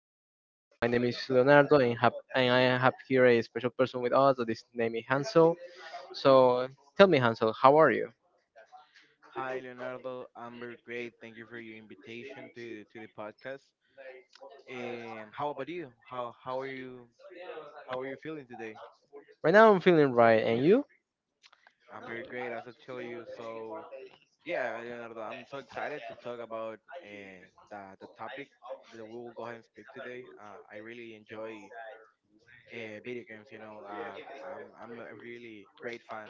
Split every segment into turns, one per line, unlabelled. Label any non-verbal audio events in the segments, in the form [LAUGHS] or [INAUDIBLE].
new podcast. My name is Leonardo, and I have here a special person with us that is name is Hansel. So tell me, Hansel, how are you?
Hi, Leonardo. I'm very great. Thank you for your invitation to the podcast. How about you? How are you? How are you feeling today?
Right now, I'm feeling right, and you?
I'm very great, as I told you. So yeah, Leonardo, I'm so excited to talk about the the topic that we will go ahead and speak today. I really enjoy video games. I'm a really great fan.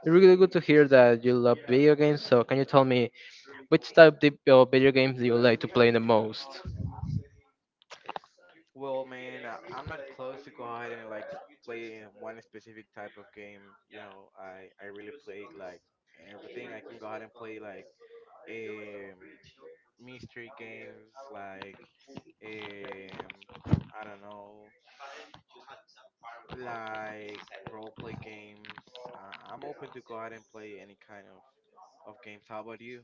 It's really good to hear that you love video games. So can you tell me which of video games do you like to play the most?
Well, man, I'm not close to go ahead and like play in one specific type of game. I really play like everything. I can go ahead and play like um mystery games, like um I don't know, like role play games. I'm open to go ahead and play any kind of games. How about you?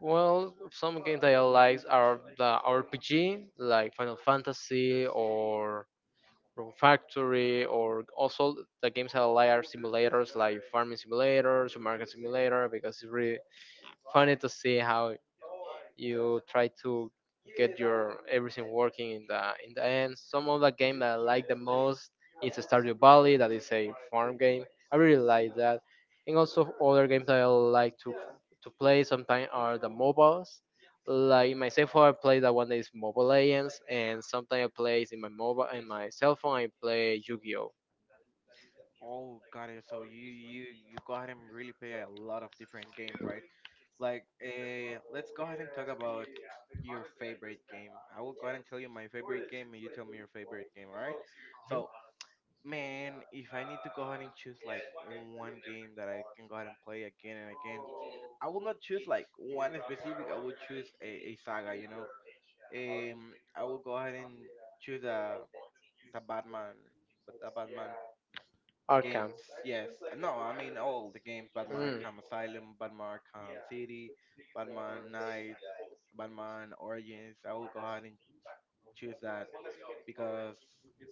Well, some games that I like are the RPG, like Final Fantasy, or Room Factory, or also the games that allow are simulators like Farming Simulator, Supermarket Simulator, because it's really funny to see how you try to get your everything working in the end. Some of the game that I like the most is Stardew Valley, that is a farm game. I really like that, and also other games that I like to play sometimes are the mobiles. Like myself, I play that one that is Mobile Legends, and sometimes I play in my mobile in my cell phone. I play Yu-Gi-Oh.
Oh, got it. So you go ahead and really play a lot of different games, right? Like, let's go ahead and talk about your favorite game. I will go ahead and tell you my favorite game, and you tell me your favorite game. All right?
Mhm.
So, man, if I need to go ahead and choose like one game that I can go ahead and play again and again, I will not choose like one specific. I will choose a saga. I will go ahead and choose the Batman, but the Batman
Arkham.
games. Yes, no, I mean all the games: Batman
Mm.
Arkham Asylum, Batman Arkham City. Batman Knight, Batman Origins, I will go ahead and choose that because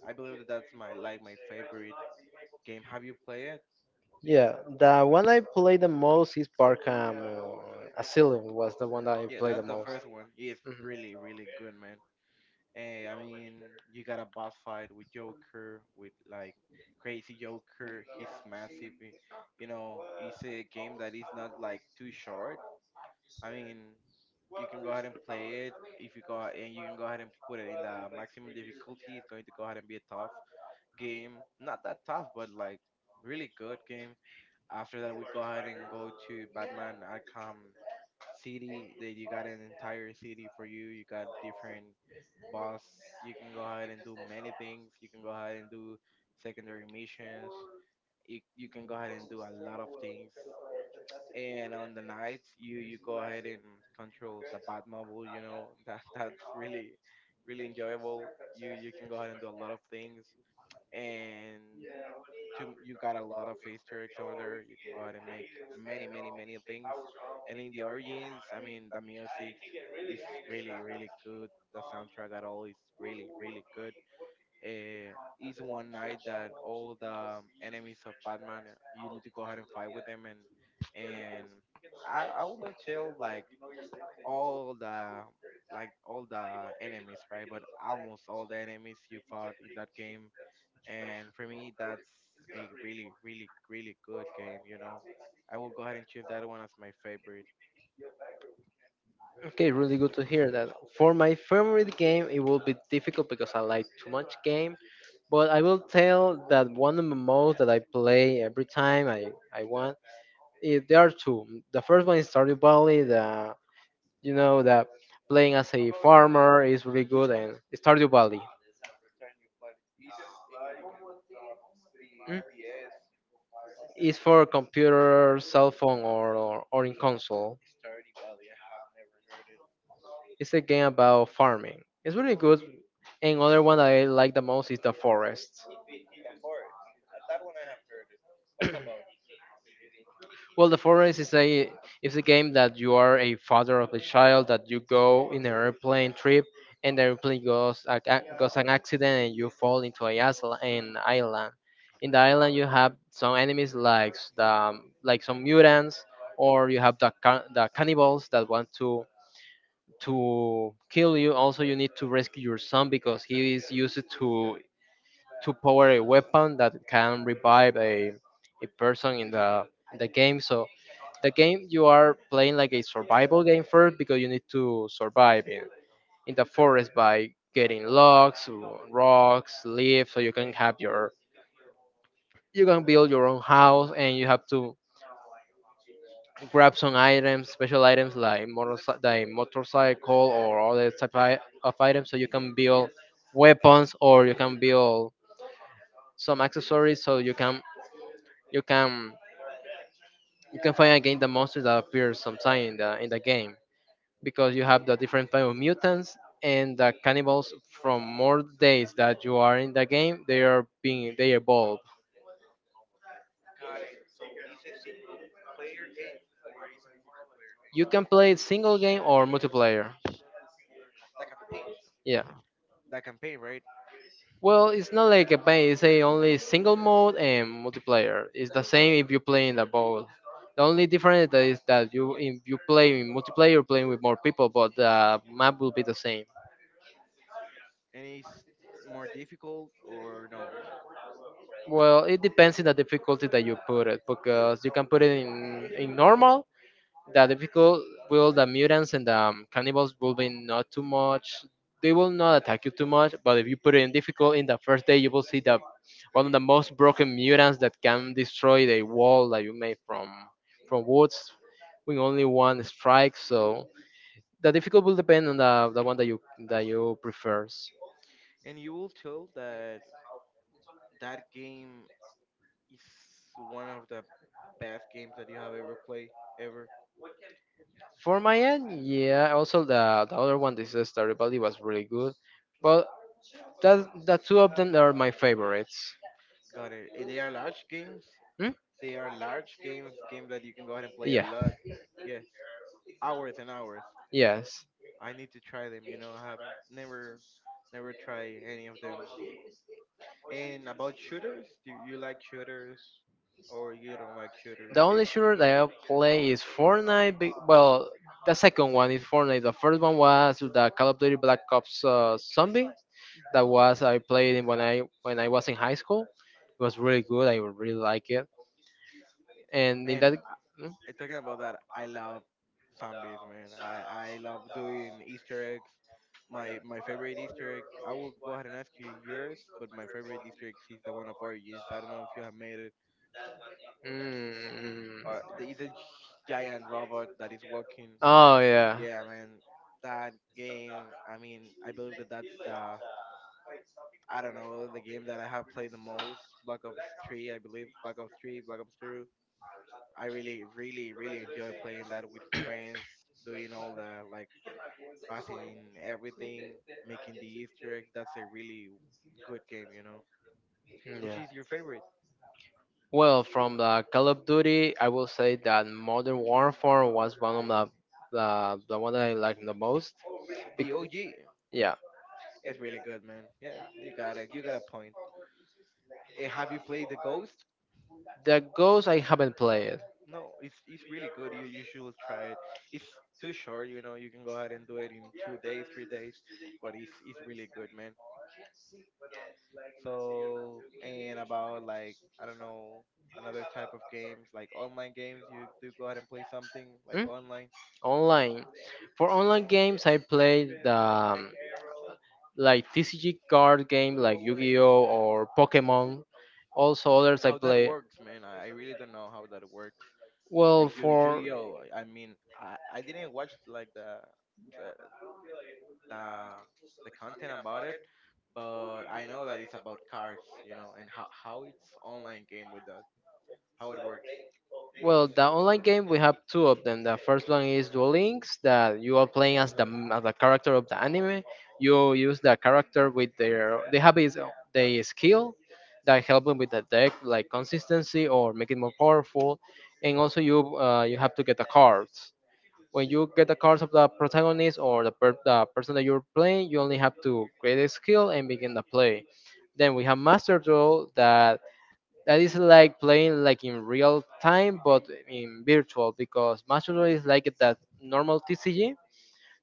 I believe that that's my like my favorite game. Have you played it?
Yeah, the one I played the most is Arkham Asylum was the one that I
Yeah,
played the
that's the
most.
first one. It's
Mhm.
really, really good, man. I mean, you got a boss fight with Joker, with like crazy Joker. He's massive. It's a game that is not like too short. I mean, you can go ahead and play it if you can go ahead and put it in the maximum difficulty. It's going to go ahead and be tough game, not that tough, but like really good game. After that, we go ahead and go to Batman Arkham City. That you got an entire city for you. You got different boss. You can go ahead and do many things. You can go ahead and do secondary missions. You can go ahead and do a lot of things. And on the nights, you go ahead and control the Batmobile. [LAUGHS] That that's really really enjoyable. You can go ahead and do a lot of things and to you got a lot of Easter eggs over there. You can go ahead and make many, many, many things. And in the origins, I mean, the music is really, really good. The soundtrack at all is really, really good. It's one night that all the enemies of Batman, you need to go ahead and fight with them, and I will not tell all the like all the enemies, right? But almost all the enemies you fought in that game, and for me that's a really really really good game. I will go ahead and choose that one as my favorite.
Okay, really good to hear that. For my favorite game, it will be difficult because I like too much game. But I will tell that one of the most that I play every time I want. There are two. The first one is Stardew Valley. The You know that playing as a farmer is really good and Stardew Valley. Mm? It's for computer, cell phone, or in console. It's a game about farming. It's really good. And other one that I like the most is The Forest. Well, The Forest is a game that you are a father of a child that you go in an airplane trip and the airplane goes an accident and you fall into an island. In the island, you have some enemies like s- the like some mutants or you have the cannibals that want to kill you. Also, you need to rescue your son because he is used to power a weapon that can revive a person in the game. So the game you are playing like a survival game first because you need to survive in the forest by getting logs rocks, leaves, so you can have your, you can build your own house, and you have to grab some items, special items like motorcycle, or other type of items so you can build weapons, or you can build some accessories so you can you can you can find again the monsters that appear sometime in the game, because you have the different type of mutants and the cannibals. From more days that you are in the game, they are being they evolve. You can play it single game or multiplayer, yeah.
That campaign, right?
Well, it's not like a base. It's a only single mode, and multiplayer it's the same if you play in the both. The only difference that is that you, if you play in multiplayer you're playing with more people, but the map will be the same.
And it's more difficult or no?
Well, it depends on the difficulty that you put it, because you can put it in normal, that the people will, the mutants and the cannibals will be not too much. They will not attack you too much. But if you put it in difficult, in the first day you will see the one of the most broken mutants that can destroy the wall that you made from woods with only one strike. So the difficult will depend on the one that you prefers.
And you will tell that that game is one of the best games that you have ever played ever?
For my end, yeah. Also, the other one, this is Stardew Valley, was really good, but that the two of them are my favorites.
Got it. And they are large games.
Hmm?
They are large games that you can go ahead and play a
Yeah.
lot. Yes. Hours and hours.
Yes.
I need to try them. I have never never try any of them. And about shooters, do you like shooters or you don't like shooters
The only
games?
shooter that I play is Fortnite. Well, the second one is Fortnite. The first one was the Call of Duty Black Ops Zombie. That was I played it when I was in high school. It was really good. I really like it. And in
Man,
that, hmm?
talking about that, I love zombies, man. I love doing Easter eggs. My favorite Easter egg, I will go ahead and ask you yours, but my favorite Easter egg is the one of Origins. I don't know if you have made it.
Mm.
Or there is a giant robot that is walking.
Oh yeah,
Yeah, man, that game. I mean, I believe that that's the I don't know the game that I have played the most, Black Ops 3, I believe. Black Ops 3, Black Ops 2. I really, really, really enjoy playing that with friends, doing all the like passing everything, making the Easter eggs. That's a really good game. Which
yeah.
is your favorite?
Well, from the Call of Duty, I will say that Modern Warfare was one of the one that I like the most. Bec-
The OG.
yeah,
It's really good, man. Yeah, you got it. You got a point. Have you played the Ghost?
the Ghost I haven't played.
No, it's really good. You should try it. It's too short, you know. You can go ahead and do it in 2 days, 3 days, but it's really good, man. So, and about like, I don't know, another type of games, like online games, you do go ahead and play something like
Hmm?
online.
Online, for online games, I played the like TCG card game like Yu-Gi-Oh or Pokemon. Also others I
How that
play.
works, man, I really don't know how that works.
Well,
Like you,
for
Yu-Gi-Oh, I mean, I didn't watch like the, the, the content about it, but I know that it's about cards, and how it's online game with that, how it works.
Well, the online game we have two of them. The first one is Duel Links that you are playing as the character of the anime. You use the character with their they have is their skill that help them with the deck, like consistency or make it more powerful. And also you have to get the cards. When you get the cards of the protagonist or the person that you're playing, you only have to create a skill and begin the play. Then we have Master Duel that is like playing like in real time but in virtual, because Master is like that normal TCG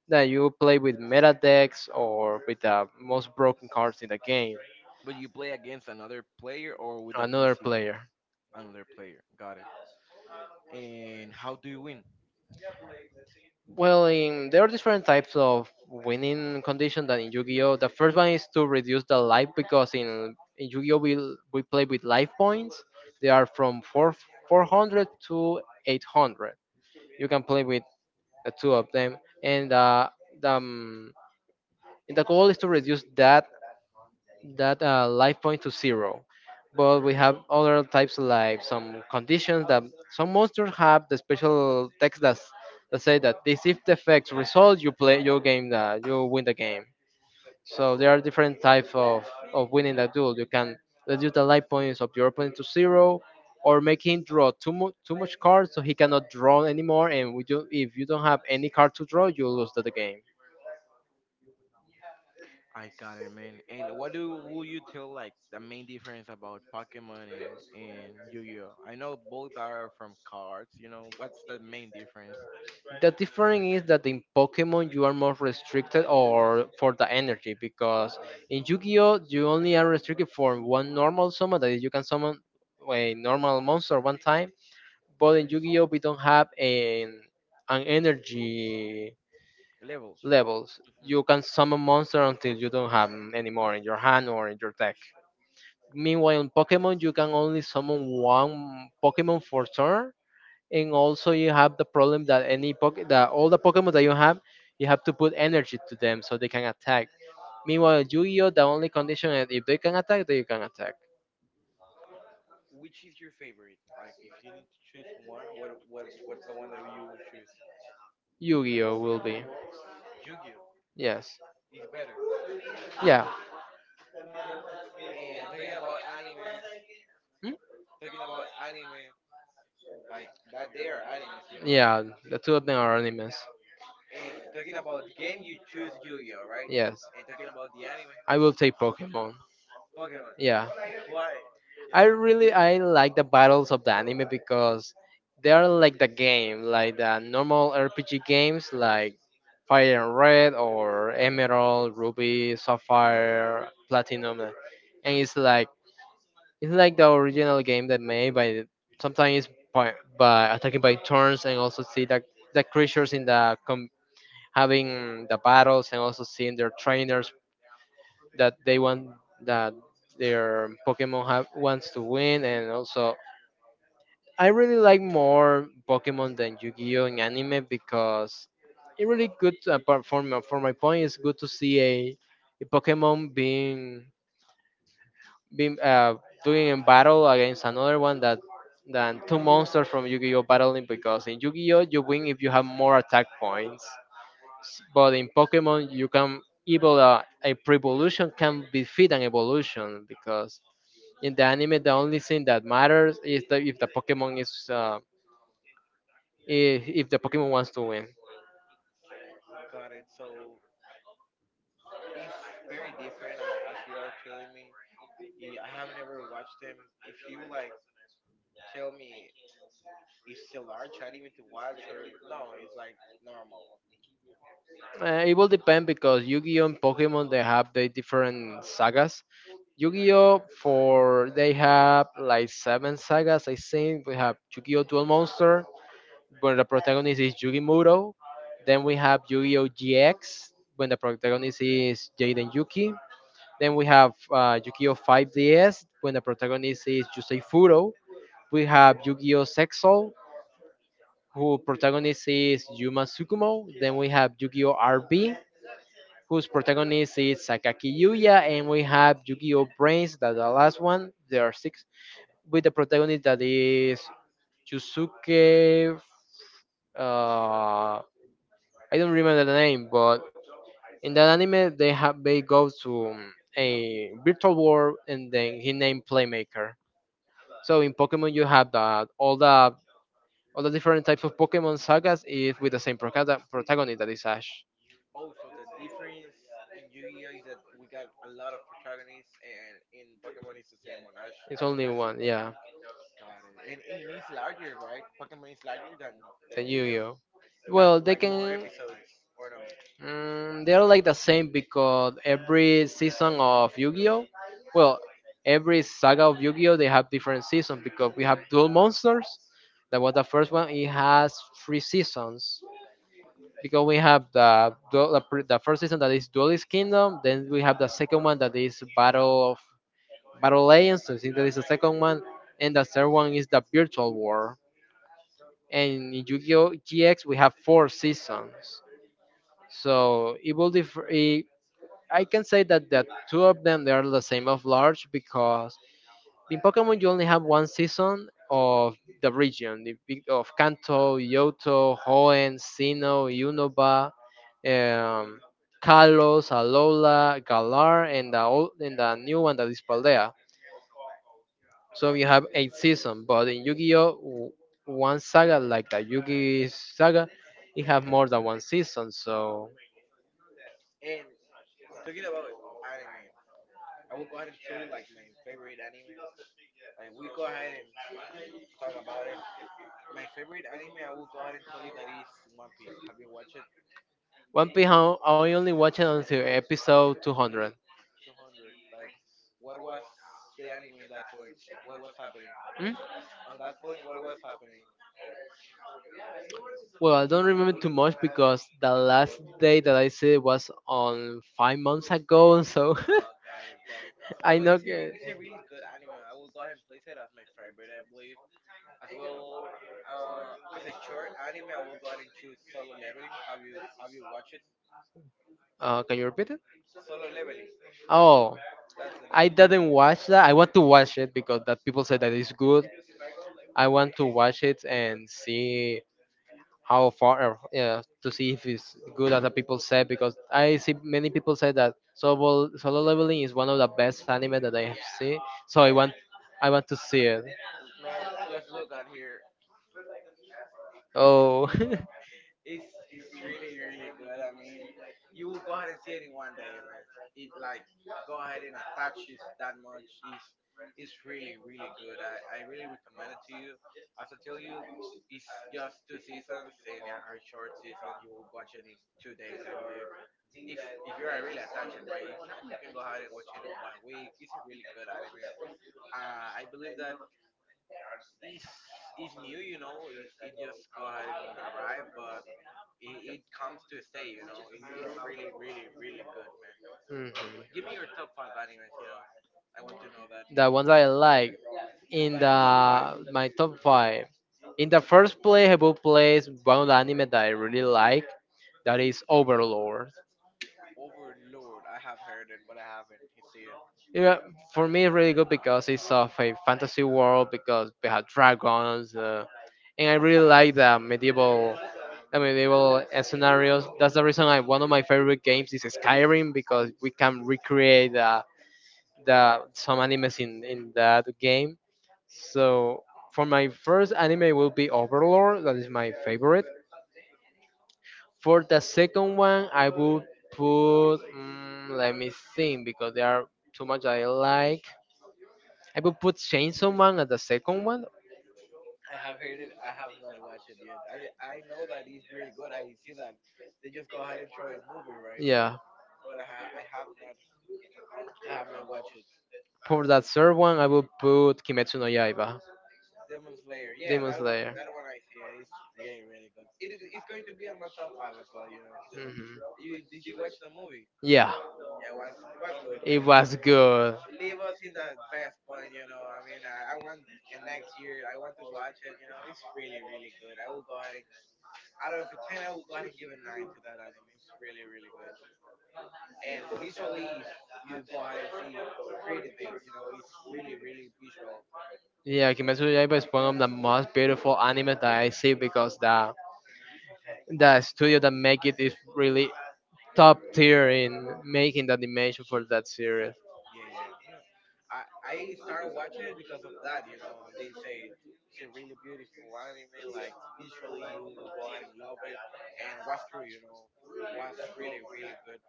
that you play with meta decks or with the most broken cards in the game.
But you play against another player or with a
Another
PC,
player.
another player. Got it. And how do you win?
Well, there are different types of winning condition than in Yu-Gi-Oh. The first one is to reduce the life, because in Yu-Gi-Oh we play with life points. They are from 4, 400 to 800. You can play with the two of them. And uh, the um, And the goal is to reduce that life point to zero. But we have other types of life, some conditions, that some monsters have the special text that say that this, if the effects result, you play your game, that you win the game. So there are different types of winning the duel. You can reduce the life points of your opponent to zero, or make him draw too much cards so he cannot draw anymore. And we do, if you don't have any card to draw, you lose the game.
I got it, man. And what do will you tell like the main difference about Pokemon and Yu-Gi-Oh? I know both are from cards. You know, what's the main difference?
The difference is that in Pokemon you are more restricted or for the energy, because in Yu-Gi-Oh you only are restricted for one normal summon, that is you can summon a normal monster one time, but in Yu-Gi-Oh we don't have an energy
Levels.
levels. You can summon monster until you don't have 'em anymore in your hand or in your deck. Meanwhile, in Pokemon you can only summon one Pokemon for turn, and also you have the problem that any poke that all the Pokemon that you have to put energy to them so they can attack. Meanwhile, Yu-Gi-Oh, the only condition is if they can attack, they can attack.
Which is your favorite? Like, if you need to choose one, what's the one that you will choose?
Yu-Gi-Oh will be,
Yu-Gi-Oh
yes,
is better.
yeah.
And talking about anime,
Hmm?
talking about anime, like that they are animes.
Yeah. The two of them are animes.
And talking about the game, you choose Yu-Gi-Oh, right?
Yes,
And talking about the anime.
I will take Pokemon.
Pokemon.
Yeah.
[LAUGHS] Why? You
I
know, they
really, I like the battles of the anime because they are like the game, like the normal RPG games like Fire and Red or Emerald, Ruby, Sapphire, Platinum, and it's like, the original game that made by sometimes by, by attacking by turns, and also see the creatures in the having the battles, and also seeing their trainers that they want that their Pokemon have, wants to win. And also I really like more Pokemon than Yu-Gi-Oh in anime, because it really good, apart from for my point, it's good to see a Pokemon being being doing in battle against another one, that than two monsters from Yu-Gi-Oh battling, because in Yu-Gi-Oh you win if you have more attack points. But in Pokemon you can evil, a pre-evolution can defeat an evolution, because in the anime the only thing that matters is that if the Pokemon is, if the Pokemon wants to win.
got it. So it's very different, as you are telling me. I have never watched them. If you like, tell me, it's it a large anime to watch or no? It's like normal.
It will depend because Yu-Gi-Oh and Pokemon they have the different sagas. Yu-Gi-Oh for they have like 7 sagas I think. We have Yu-Gi-Oh Duel Monster when the protagonist is Yugi Muro. Then we have Yu-Gi-Oh GX when the protagonist is Jaden Yuki. Then we have Yu-Gi-Oh 5DS when the protagonist is Yusei Furo. We have Yu-Gi-Oh Sexol who protagonist is Yuma Tsukumo. Then we have Yu-Gi-Oh! RB, whose protagonist is Sakaki Yuya, and we have Yu-Gi-Oh! Brains. That's the last one. There are six, with the protagonist that is Yusuke. Uh, I don't remember the name, but in that anime they have they go to a virtual world, and then he named Playmaker. So in Pokemon you have that all the different types of Pokemon sagas is with the same protagonist that is Ash.
Oh, so the difference in Yu-Gi-Oh is that we got a lot of protagonists, and in Pokemon it's the same one. Ash,
It's
Ash
only
Ketchum.
one, yeah.
Got it. And it's larger, right? Pokemon is larger than
The
Yu-Gi-Oh.
Yu-Gi-Oh. Like,
Got
well, they like
like more
can.
episodes or no?
They're like the same because every season of Yu-Gi-Oh. Well, every saga of Yu-Gi-Oh they have different seasons because we have Duel Monsters. That was the first one. It has three seasons. Because we have the dual- the, pr- the first season that is Duelist Kingdom, then we have the second one that is Battle Legends. So I think that is the second one, and the third one is the Virtual War. And in Yu-Gi-Oh GX we have four seasons, so it will differ. I can say that the two of them they are the same of large because in Pokemon you only have one season of the region of Kanto, Yoto, Hoenn, Sinnoh, Unova, um, Kalos, Alola, Galar, and the old, and the new one that is Paldea. So you have eight seasons, but in Yu-Gi-Oh, one saga like the Yu-Gi saga, it have more than one season. So
And talking about anime, I will go ahead and tell you like my favorite anime. Like we go ahead and talk about it. My favorite anime, I will go ahead and tell you that is One Piece. Have you watched it?
One Piece, I only watch it until episode 200.
200. Like, what was the anime in that point? What was happening?
Hmm?
On that point, what was happening?
Well, I don't remember too much because the last day that I see it was on 5 months ago, so [LAUGHS]
Got it, got it. No,
I
but
know.
it's a really good anime. I will go ahead and place it as my favorite, I believe. As well, as a short anime, I will go ahead and choose Solo Leveling. Have you watched it?
Can you repeat it?
Solo Leveling.
Oh,
That's the
I
name.
didn't watch that. I want to watch it because that people said that it's good. I want to watch it and see how far yeah, to see if it's good as the people say because I see many people say that solo leveling is one of the best anime that I have seen. So I want to see it. Oh. [LAUGHS]
It's really really good. I mean, you will go ahead and see it in one day, man. It like go ahead and attach it that much. It's really really good. I really recommend it to you. As I tell you, it's just two seasons and a very short season. You will watch it in 2 days, I believe. If you are really attached, right? If not, you can go ahead and watch it in one week. It's a really good anime. I believe that it's it's new. It just go ahead and arrive, but it comes to stay. It's really, really, really good, man.
Mhm.
Give me your top five animes. I want to know that.
The ones I like in
Your top.
the my top five. In the first place, I will place one of the anime that I really like. That is Overlord.
Overlord, I have heard it, but I haven't seen it.
Yeah, for me, it's really good because it's of a fantasy world because we have dragons, and I really like the medieval, scenarios. That's the reason I one of my favorite games is Skyrim because we can recreate the some animes in that game. So for my first anime will be Overlord. That is my favorite. For the second one, I would put. Let me think because there are too much I like. I would put Chainsaw Man as the second one.
I have heard it. I have not watched it yet. I know that it's really good. I see that they just go ahead and throw a movie, right?
Yeah.
But I have not watched it.
For that third one, I would put Kimetsu no Yaiba.
Demon Slayer, yeah,
Demon
that one
Slayer.
that one I see. It's really really good. It's going to be in my top five as well. You know,
Mhm.
you did you watch the movie?
Yeah.
It was good,
It
man. But
was good.
it wasn't the best point. I mean, I want and next year I want to watch it. You know, it's really really good. I will go ahead and out of a ten, I will go ahead and give a nine to that anime. It's really really good, and visually you go ahead and see pretty things. You know, it's really really visual.
Yeah, Kimetsu no Yaiba is one of the most beautiful anime that I see because the studio that make it is really top tier in making the animation for that series.
Yeah, yeah, yeah, yeah. I I started watching it because of that. You know, they say it's a really beautiful anime. Like visually, you will go ahead and love it, and what's true. You know, was really really good.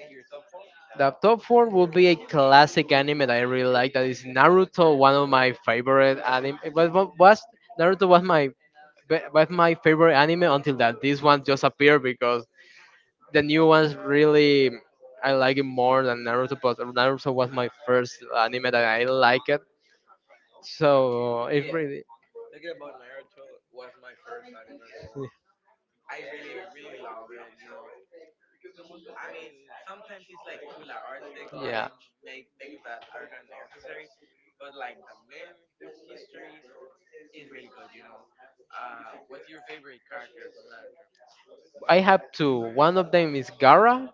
And your top four?
The top four would be a classic anime that I really like. That is Naruto, one of my favorite anime. But what was Naruto was my favorite anime until that this one just appeared because the new ones really I like it more than Naruto. But Naruto was my first anime that I like it. So it
Yeah,
really.
talking about Naruto was my first anime as well. I really, really love it. I mean, sometimes it's like too large. They go ahead
Yeah.
and make things that are not necessary, but like the main history is really good. What's your favorite character from Naruto?
I have two. One of them is Gara,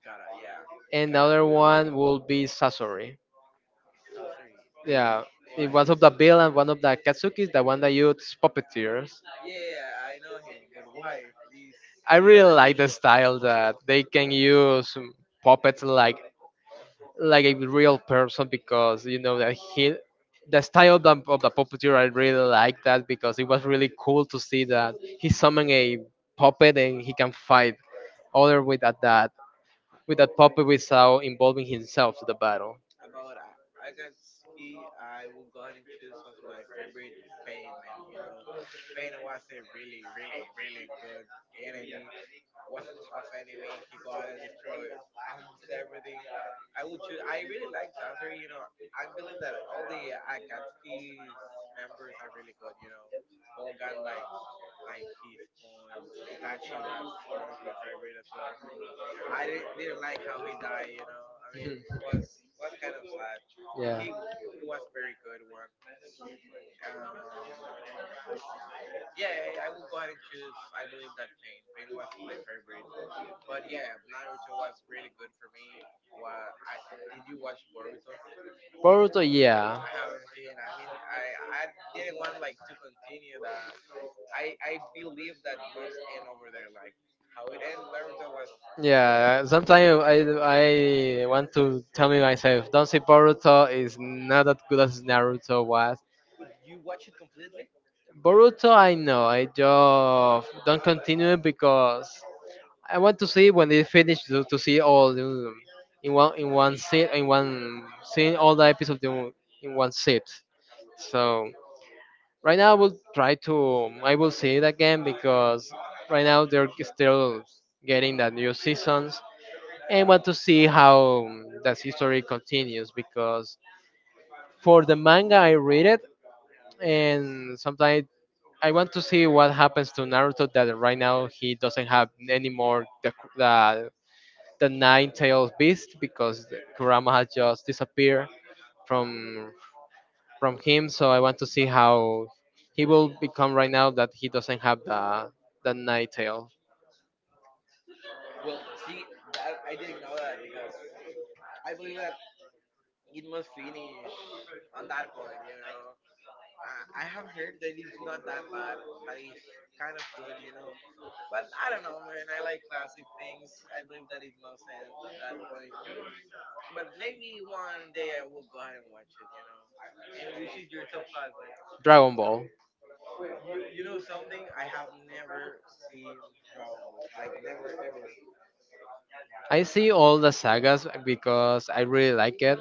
Gara, yeah,
and the
Gara,
other one will be Sasori.
Sasori.
Yeah,
Really?
in
Why?
one of the bill and one of the katsukis, the one that uses puppeteers.
Yeah, I know him, but why? Please.
I really like the style that they can use puppets like a real person because you know that he the style of the puppeteer I really like that because it was really cool to see that he summoned a puppet and he can fight other with that puppet without involving himself to the battle.
About I got see I will go ahead and choose as my favorite Pain, man. You know, Pain was a really, really, really good enemy. Was a tough enemy. He go ahead and destroy almost everything. I will choose. I really like Tazuri. You know, I believe that all the Akatsuki's members are really good. You know, all got like his points. Itachi was one of my favorite as well. I didn't like how he died. Was
[LAUGHS]
kind of sad. But he was very good one. Um, yeah, I will go ahead and choose. I believe that Pain. Pain was my favorite. But yeah, Naruto was really good for me. Well, I did you watch Boruto?
Boruto, yeah.
Yeah, I mean, I didn't want like to continue the. I believe that must end over there. Like how it ends, Naruto was great.
Yeah, sometimes I want to tell me myself, don't say Boruto is not that good as Naruto was.
Did you watch it completely?
Boruto, I know, I just don't continue because I want to see when they finish to, see all the, in one sit in one scene all the episodes in one sit. So right now I will try to I will see it again because right now they're still getting that new season. And want to see how that history continues because for the manga I read it, and sometimes I want to see what happens to Naruto that right now he doesn't have any more the nine tailed beast because the Kurama has just disappeared from from him. So I want to see how he will become right now that he doesn't have the nine tail.
Well, see, that I didn't know that because I believe that it must finish on that point. I have heard that it's not that bad. That is kind of good. You know, but I don't know, man. I like classic things. I believe that it must end on that point. But maybe one day I will go ahead and watch it. You know, and which is your top five, man?
Dragon Ball.
You know something? I have never seen Dragon Ball. Like never ever.
I see all the sagas because I really like it.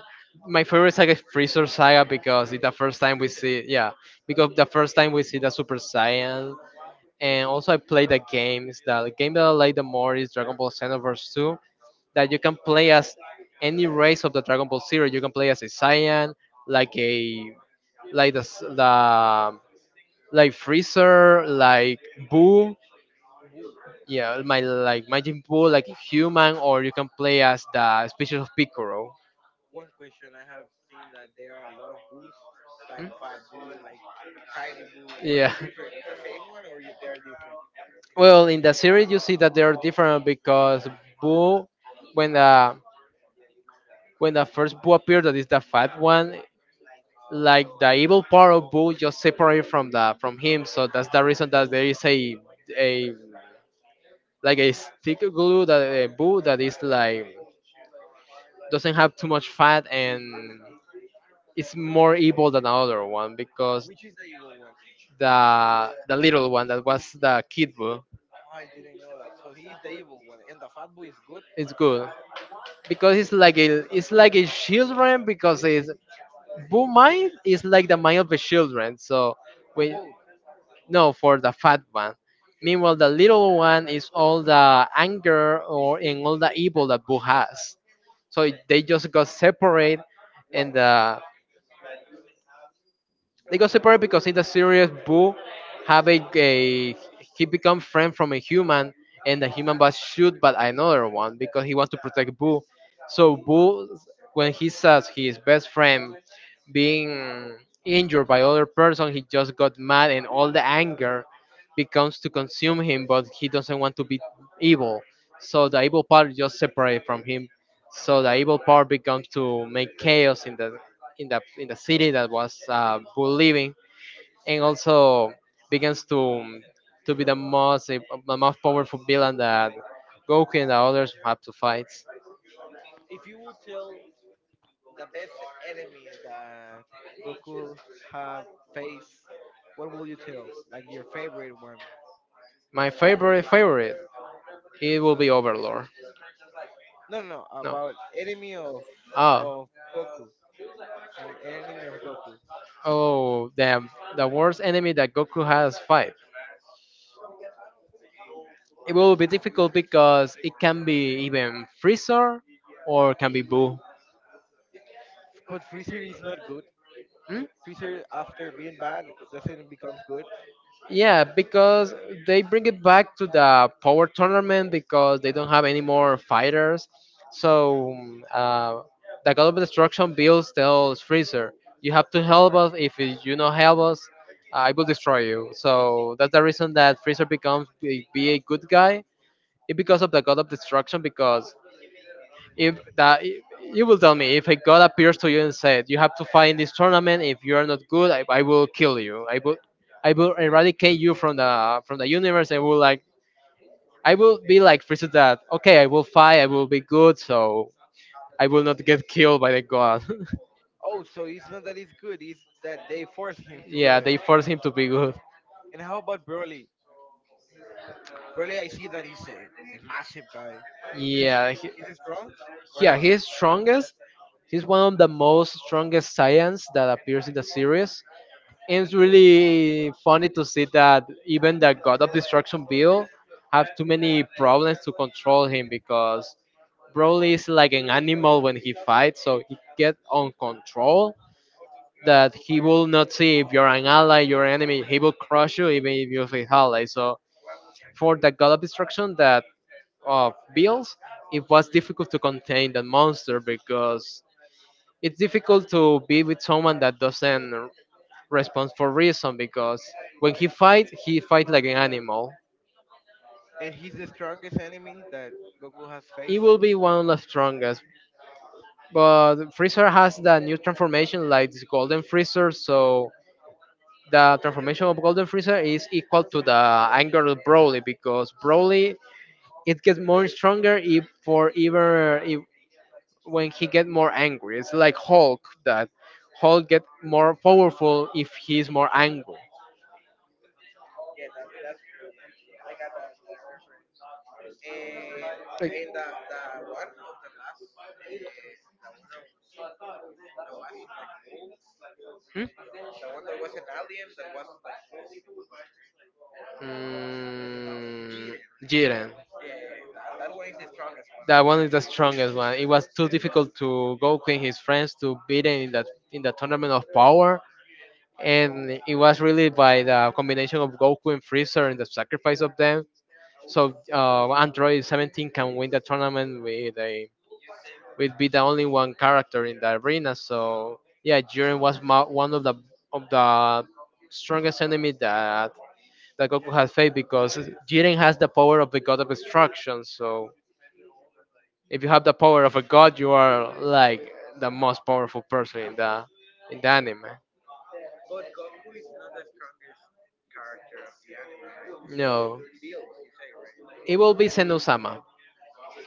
My favorite saga is Freezer Saga because it's the first time we
Is
see, yeah, because the first time we see the Super Saiyan. And also, I play the games. The game that I like the more is Dragon Ball Xenoverse 2, that you can play as any race of the Dragon Ball series. You can play as a Saiyan, like a like the s- the like Freezer, like Boo,
it?
yeah, my like Majin Buu, like a human, or you can play as the species of Piccolo.
One question: I have seen that there are a lot of booths, like fat boo, like tiny boo. What's
Yeah.
the difference? The same one or y- they're different?
Well, in the series, you see that they are different because Boo, when the when the first Boo appeared, that is the fat one, like the evil part of Boo just separated from the from him. So that's the reason that there is a like a stick glue that Boo that is like doesn't have too much fat, and it's more evil than the other one because
Which is the evil one?
the little one that was the kid Boo
I didn't know that. So he is the evil one, and the fat boo is good
is good. Because it's like a children because it's bull mind is like the mind of the children. So
on
we
both.
no for the fat one. Meanwhile, the little one is all the anger or and all the evil that Boo has. So they just got separate,
Why?
and they got separated because in the series, Boo have a he become friend from a human, and the human was shoot by another one because he wants to protect Boo. So Boo, when he says his best friend being injured by other person, he just got mad and all the anger becomes to consume him, but he doesn't want to be evil. So the evil part just separate from him. So the evil part becomes to make chaos in the city that was Bull living, and also begins to be the most powerful villain that Goku and the others have to fight.
If you will tell the best enemy that Goku have faced, what will you tell? Like your favorite one?
My favorite favorite, it will be Overlord.
No, no, no, about enemy
Oh,
of Goku. An enemy of Goku.
oh, the worst enemy that Goku has fight. It will be difficult because it can be even Freezer or can be Boo.
But Freezer is not good.
Hmm?
Freezer, after being bad, doesn't become good.
Yeah, because they bring it back to the power tournament because they don't have any more fighters. So uh, the God of Destruction builds tells Freezer, "You have to help us. If you not help us, I will destroy you." So that's the reason that Freezer becomes be a good guy. It's because of the God of Destruction because if that you will tell me if a god appears to you and said you have to fight in this tournament if you are not good I will kill you, I will eradicate you from the universe. I will be like freezes that okay, I will fight, I will be good, so I will not get killed by the god. [LAUGHS]
Oh, so it's not that it's good; it's that they force him to do
Yeah,
it.
they force him to be good.
And how about Broly? Broly, I see that he's a massive guy. He's
yeah he,
he's strong or
yeah,
not?
he's strongest. He's one of the most strongest science that appears in the series. And it's really funny to see that even the God of Destruction Bill have too many problems to control him because Broly is like an animal when he fights, so he get on control that he will not see if you're an ally, your enemy. He will crush you even if you're his ally. So for the God of Destruction that of Bills, it was difficult to contain the monster because it's difficult to be with someone that doesn't responds for reason because when he fight, like an animal.
And he's the strongest enemy that Goku has
He
faced.
will be one of the strongest. But Freezer has that new transformation like this Golden Freezer, so the transformation of Golden Freezer is equal to the anger of Broly because Broly it gets more stronger if for even if when he get more angry. It's like Hulk that Hulk get more powerful if he's more angry.
Yeah, that that's true. Yeah, you, I got that reference. And
Like-
the one of the last, the one of that was like bull,
Hmm?
the one that was an alien that was like bull.
Mm,
Jiren. Yeah,
Jiren.
yeah, that that one is the strongest one out
That
here.
one is the strongest one. It was too difficult to Goku and his friends to beat him in the tournament of power, and it was really by the combination of Goku and Freezer and the sacrifice of them. So Android 17 can win the tournament with a with be the only one character in the arena. So yeah, Jiren was one of the strongest enemy that Goku has faith because Jiren has the power of the god of destruction. So
Mhm.
if you have the power of a god, you are like the most powerful person in the anime.
But Goku is not the strongest character of the anime, right? It's
No,
Bills, you say, right?
it will be Senusama.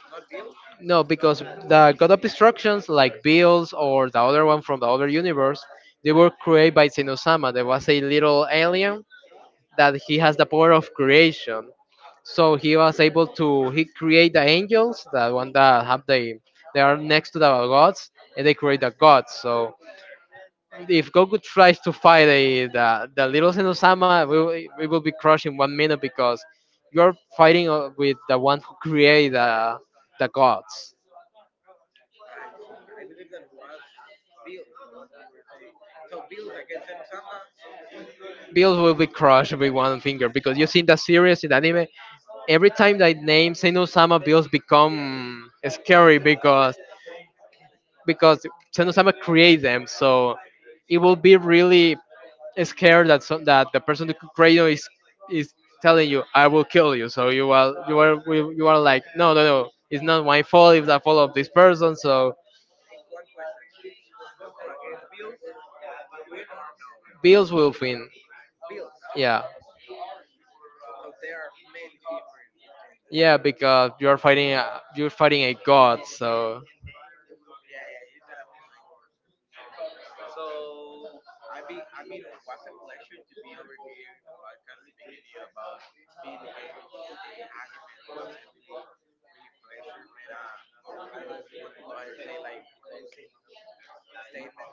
Not Bills?
No, because the god of destructions like Bills or the other one from the other universe, they were created by Senusama. There was a little alien that he has the power of creation. So he was able to he create the angels, the one that have they are next to the gods, and they create the gods. So if Goku tries to fight a, the little Senosama, we will be crushed in one minute because you're fighting with the one who created the gods.
I see. I believe that was Bills, the one that you were saying. So Bills against Ensama. W-
Bills will be crushed with one finger because you see in the series in the anime every time that name Seno Sama, Bills become scary, because because Senosama creates them, so it will be really scared that that the person who created it is telling you, "I will kill you." So you are like, "No, no, no! It's not my fault. It's the fault of this person." So
And one question: Goku against Bills will win or no?
Bills will win.
Bills.
Yeah,
So there are many differences between them,
yeah,
right?
because you are fighting you're fighting a god. So.
Yeah, yeah, you got a point. So I be I mean, what's a pleasure to be over here in the podcast speaking to you about video games, anime. Was a really, really pleasure, man. I want to go ahead and say like a closing statement.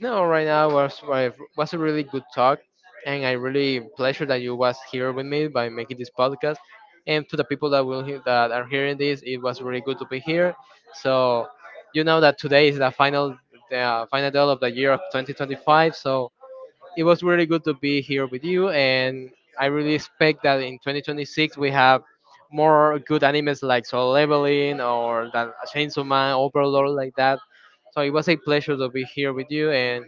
No, right now was a really good talk, and I really pleasure that you was here with me by making this podcast. And to the people that will hear, that are hearing this, it was really good to be here. So you know that today is the final day of the year of 2025. So it was really good to be here with you, and I really expect that in 2026 we have more good animes like Soul Leveling or that Chainsaw Man, Overlord like that. So it was a pleasure to be here with you, and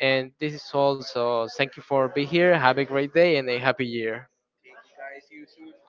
this is all. So thank you for being here. Have a great day and a happy year.
Think you guys. See you soon.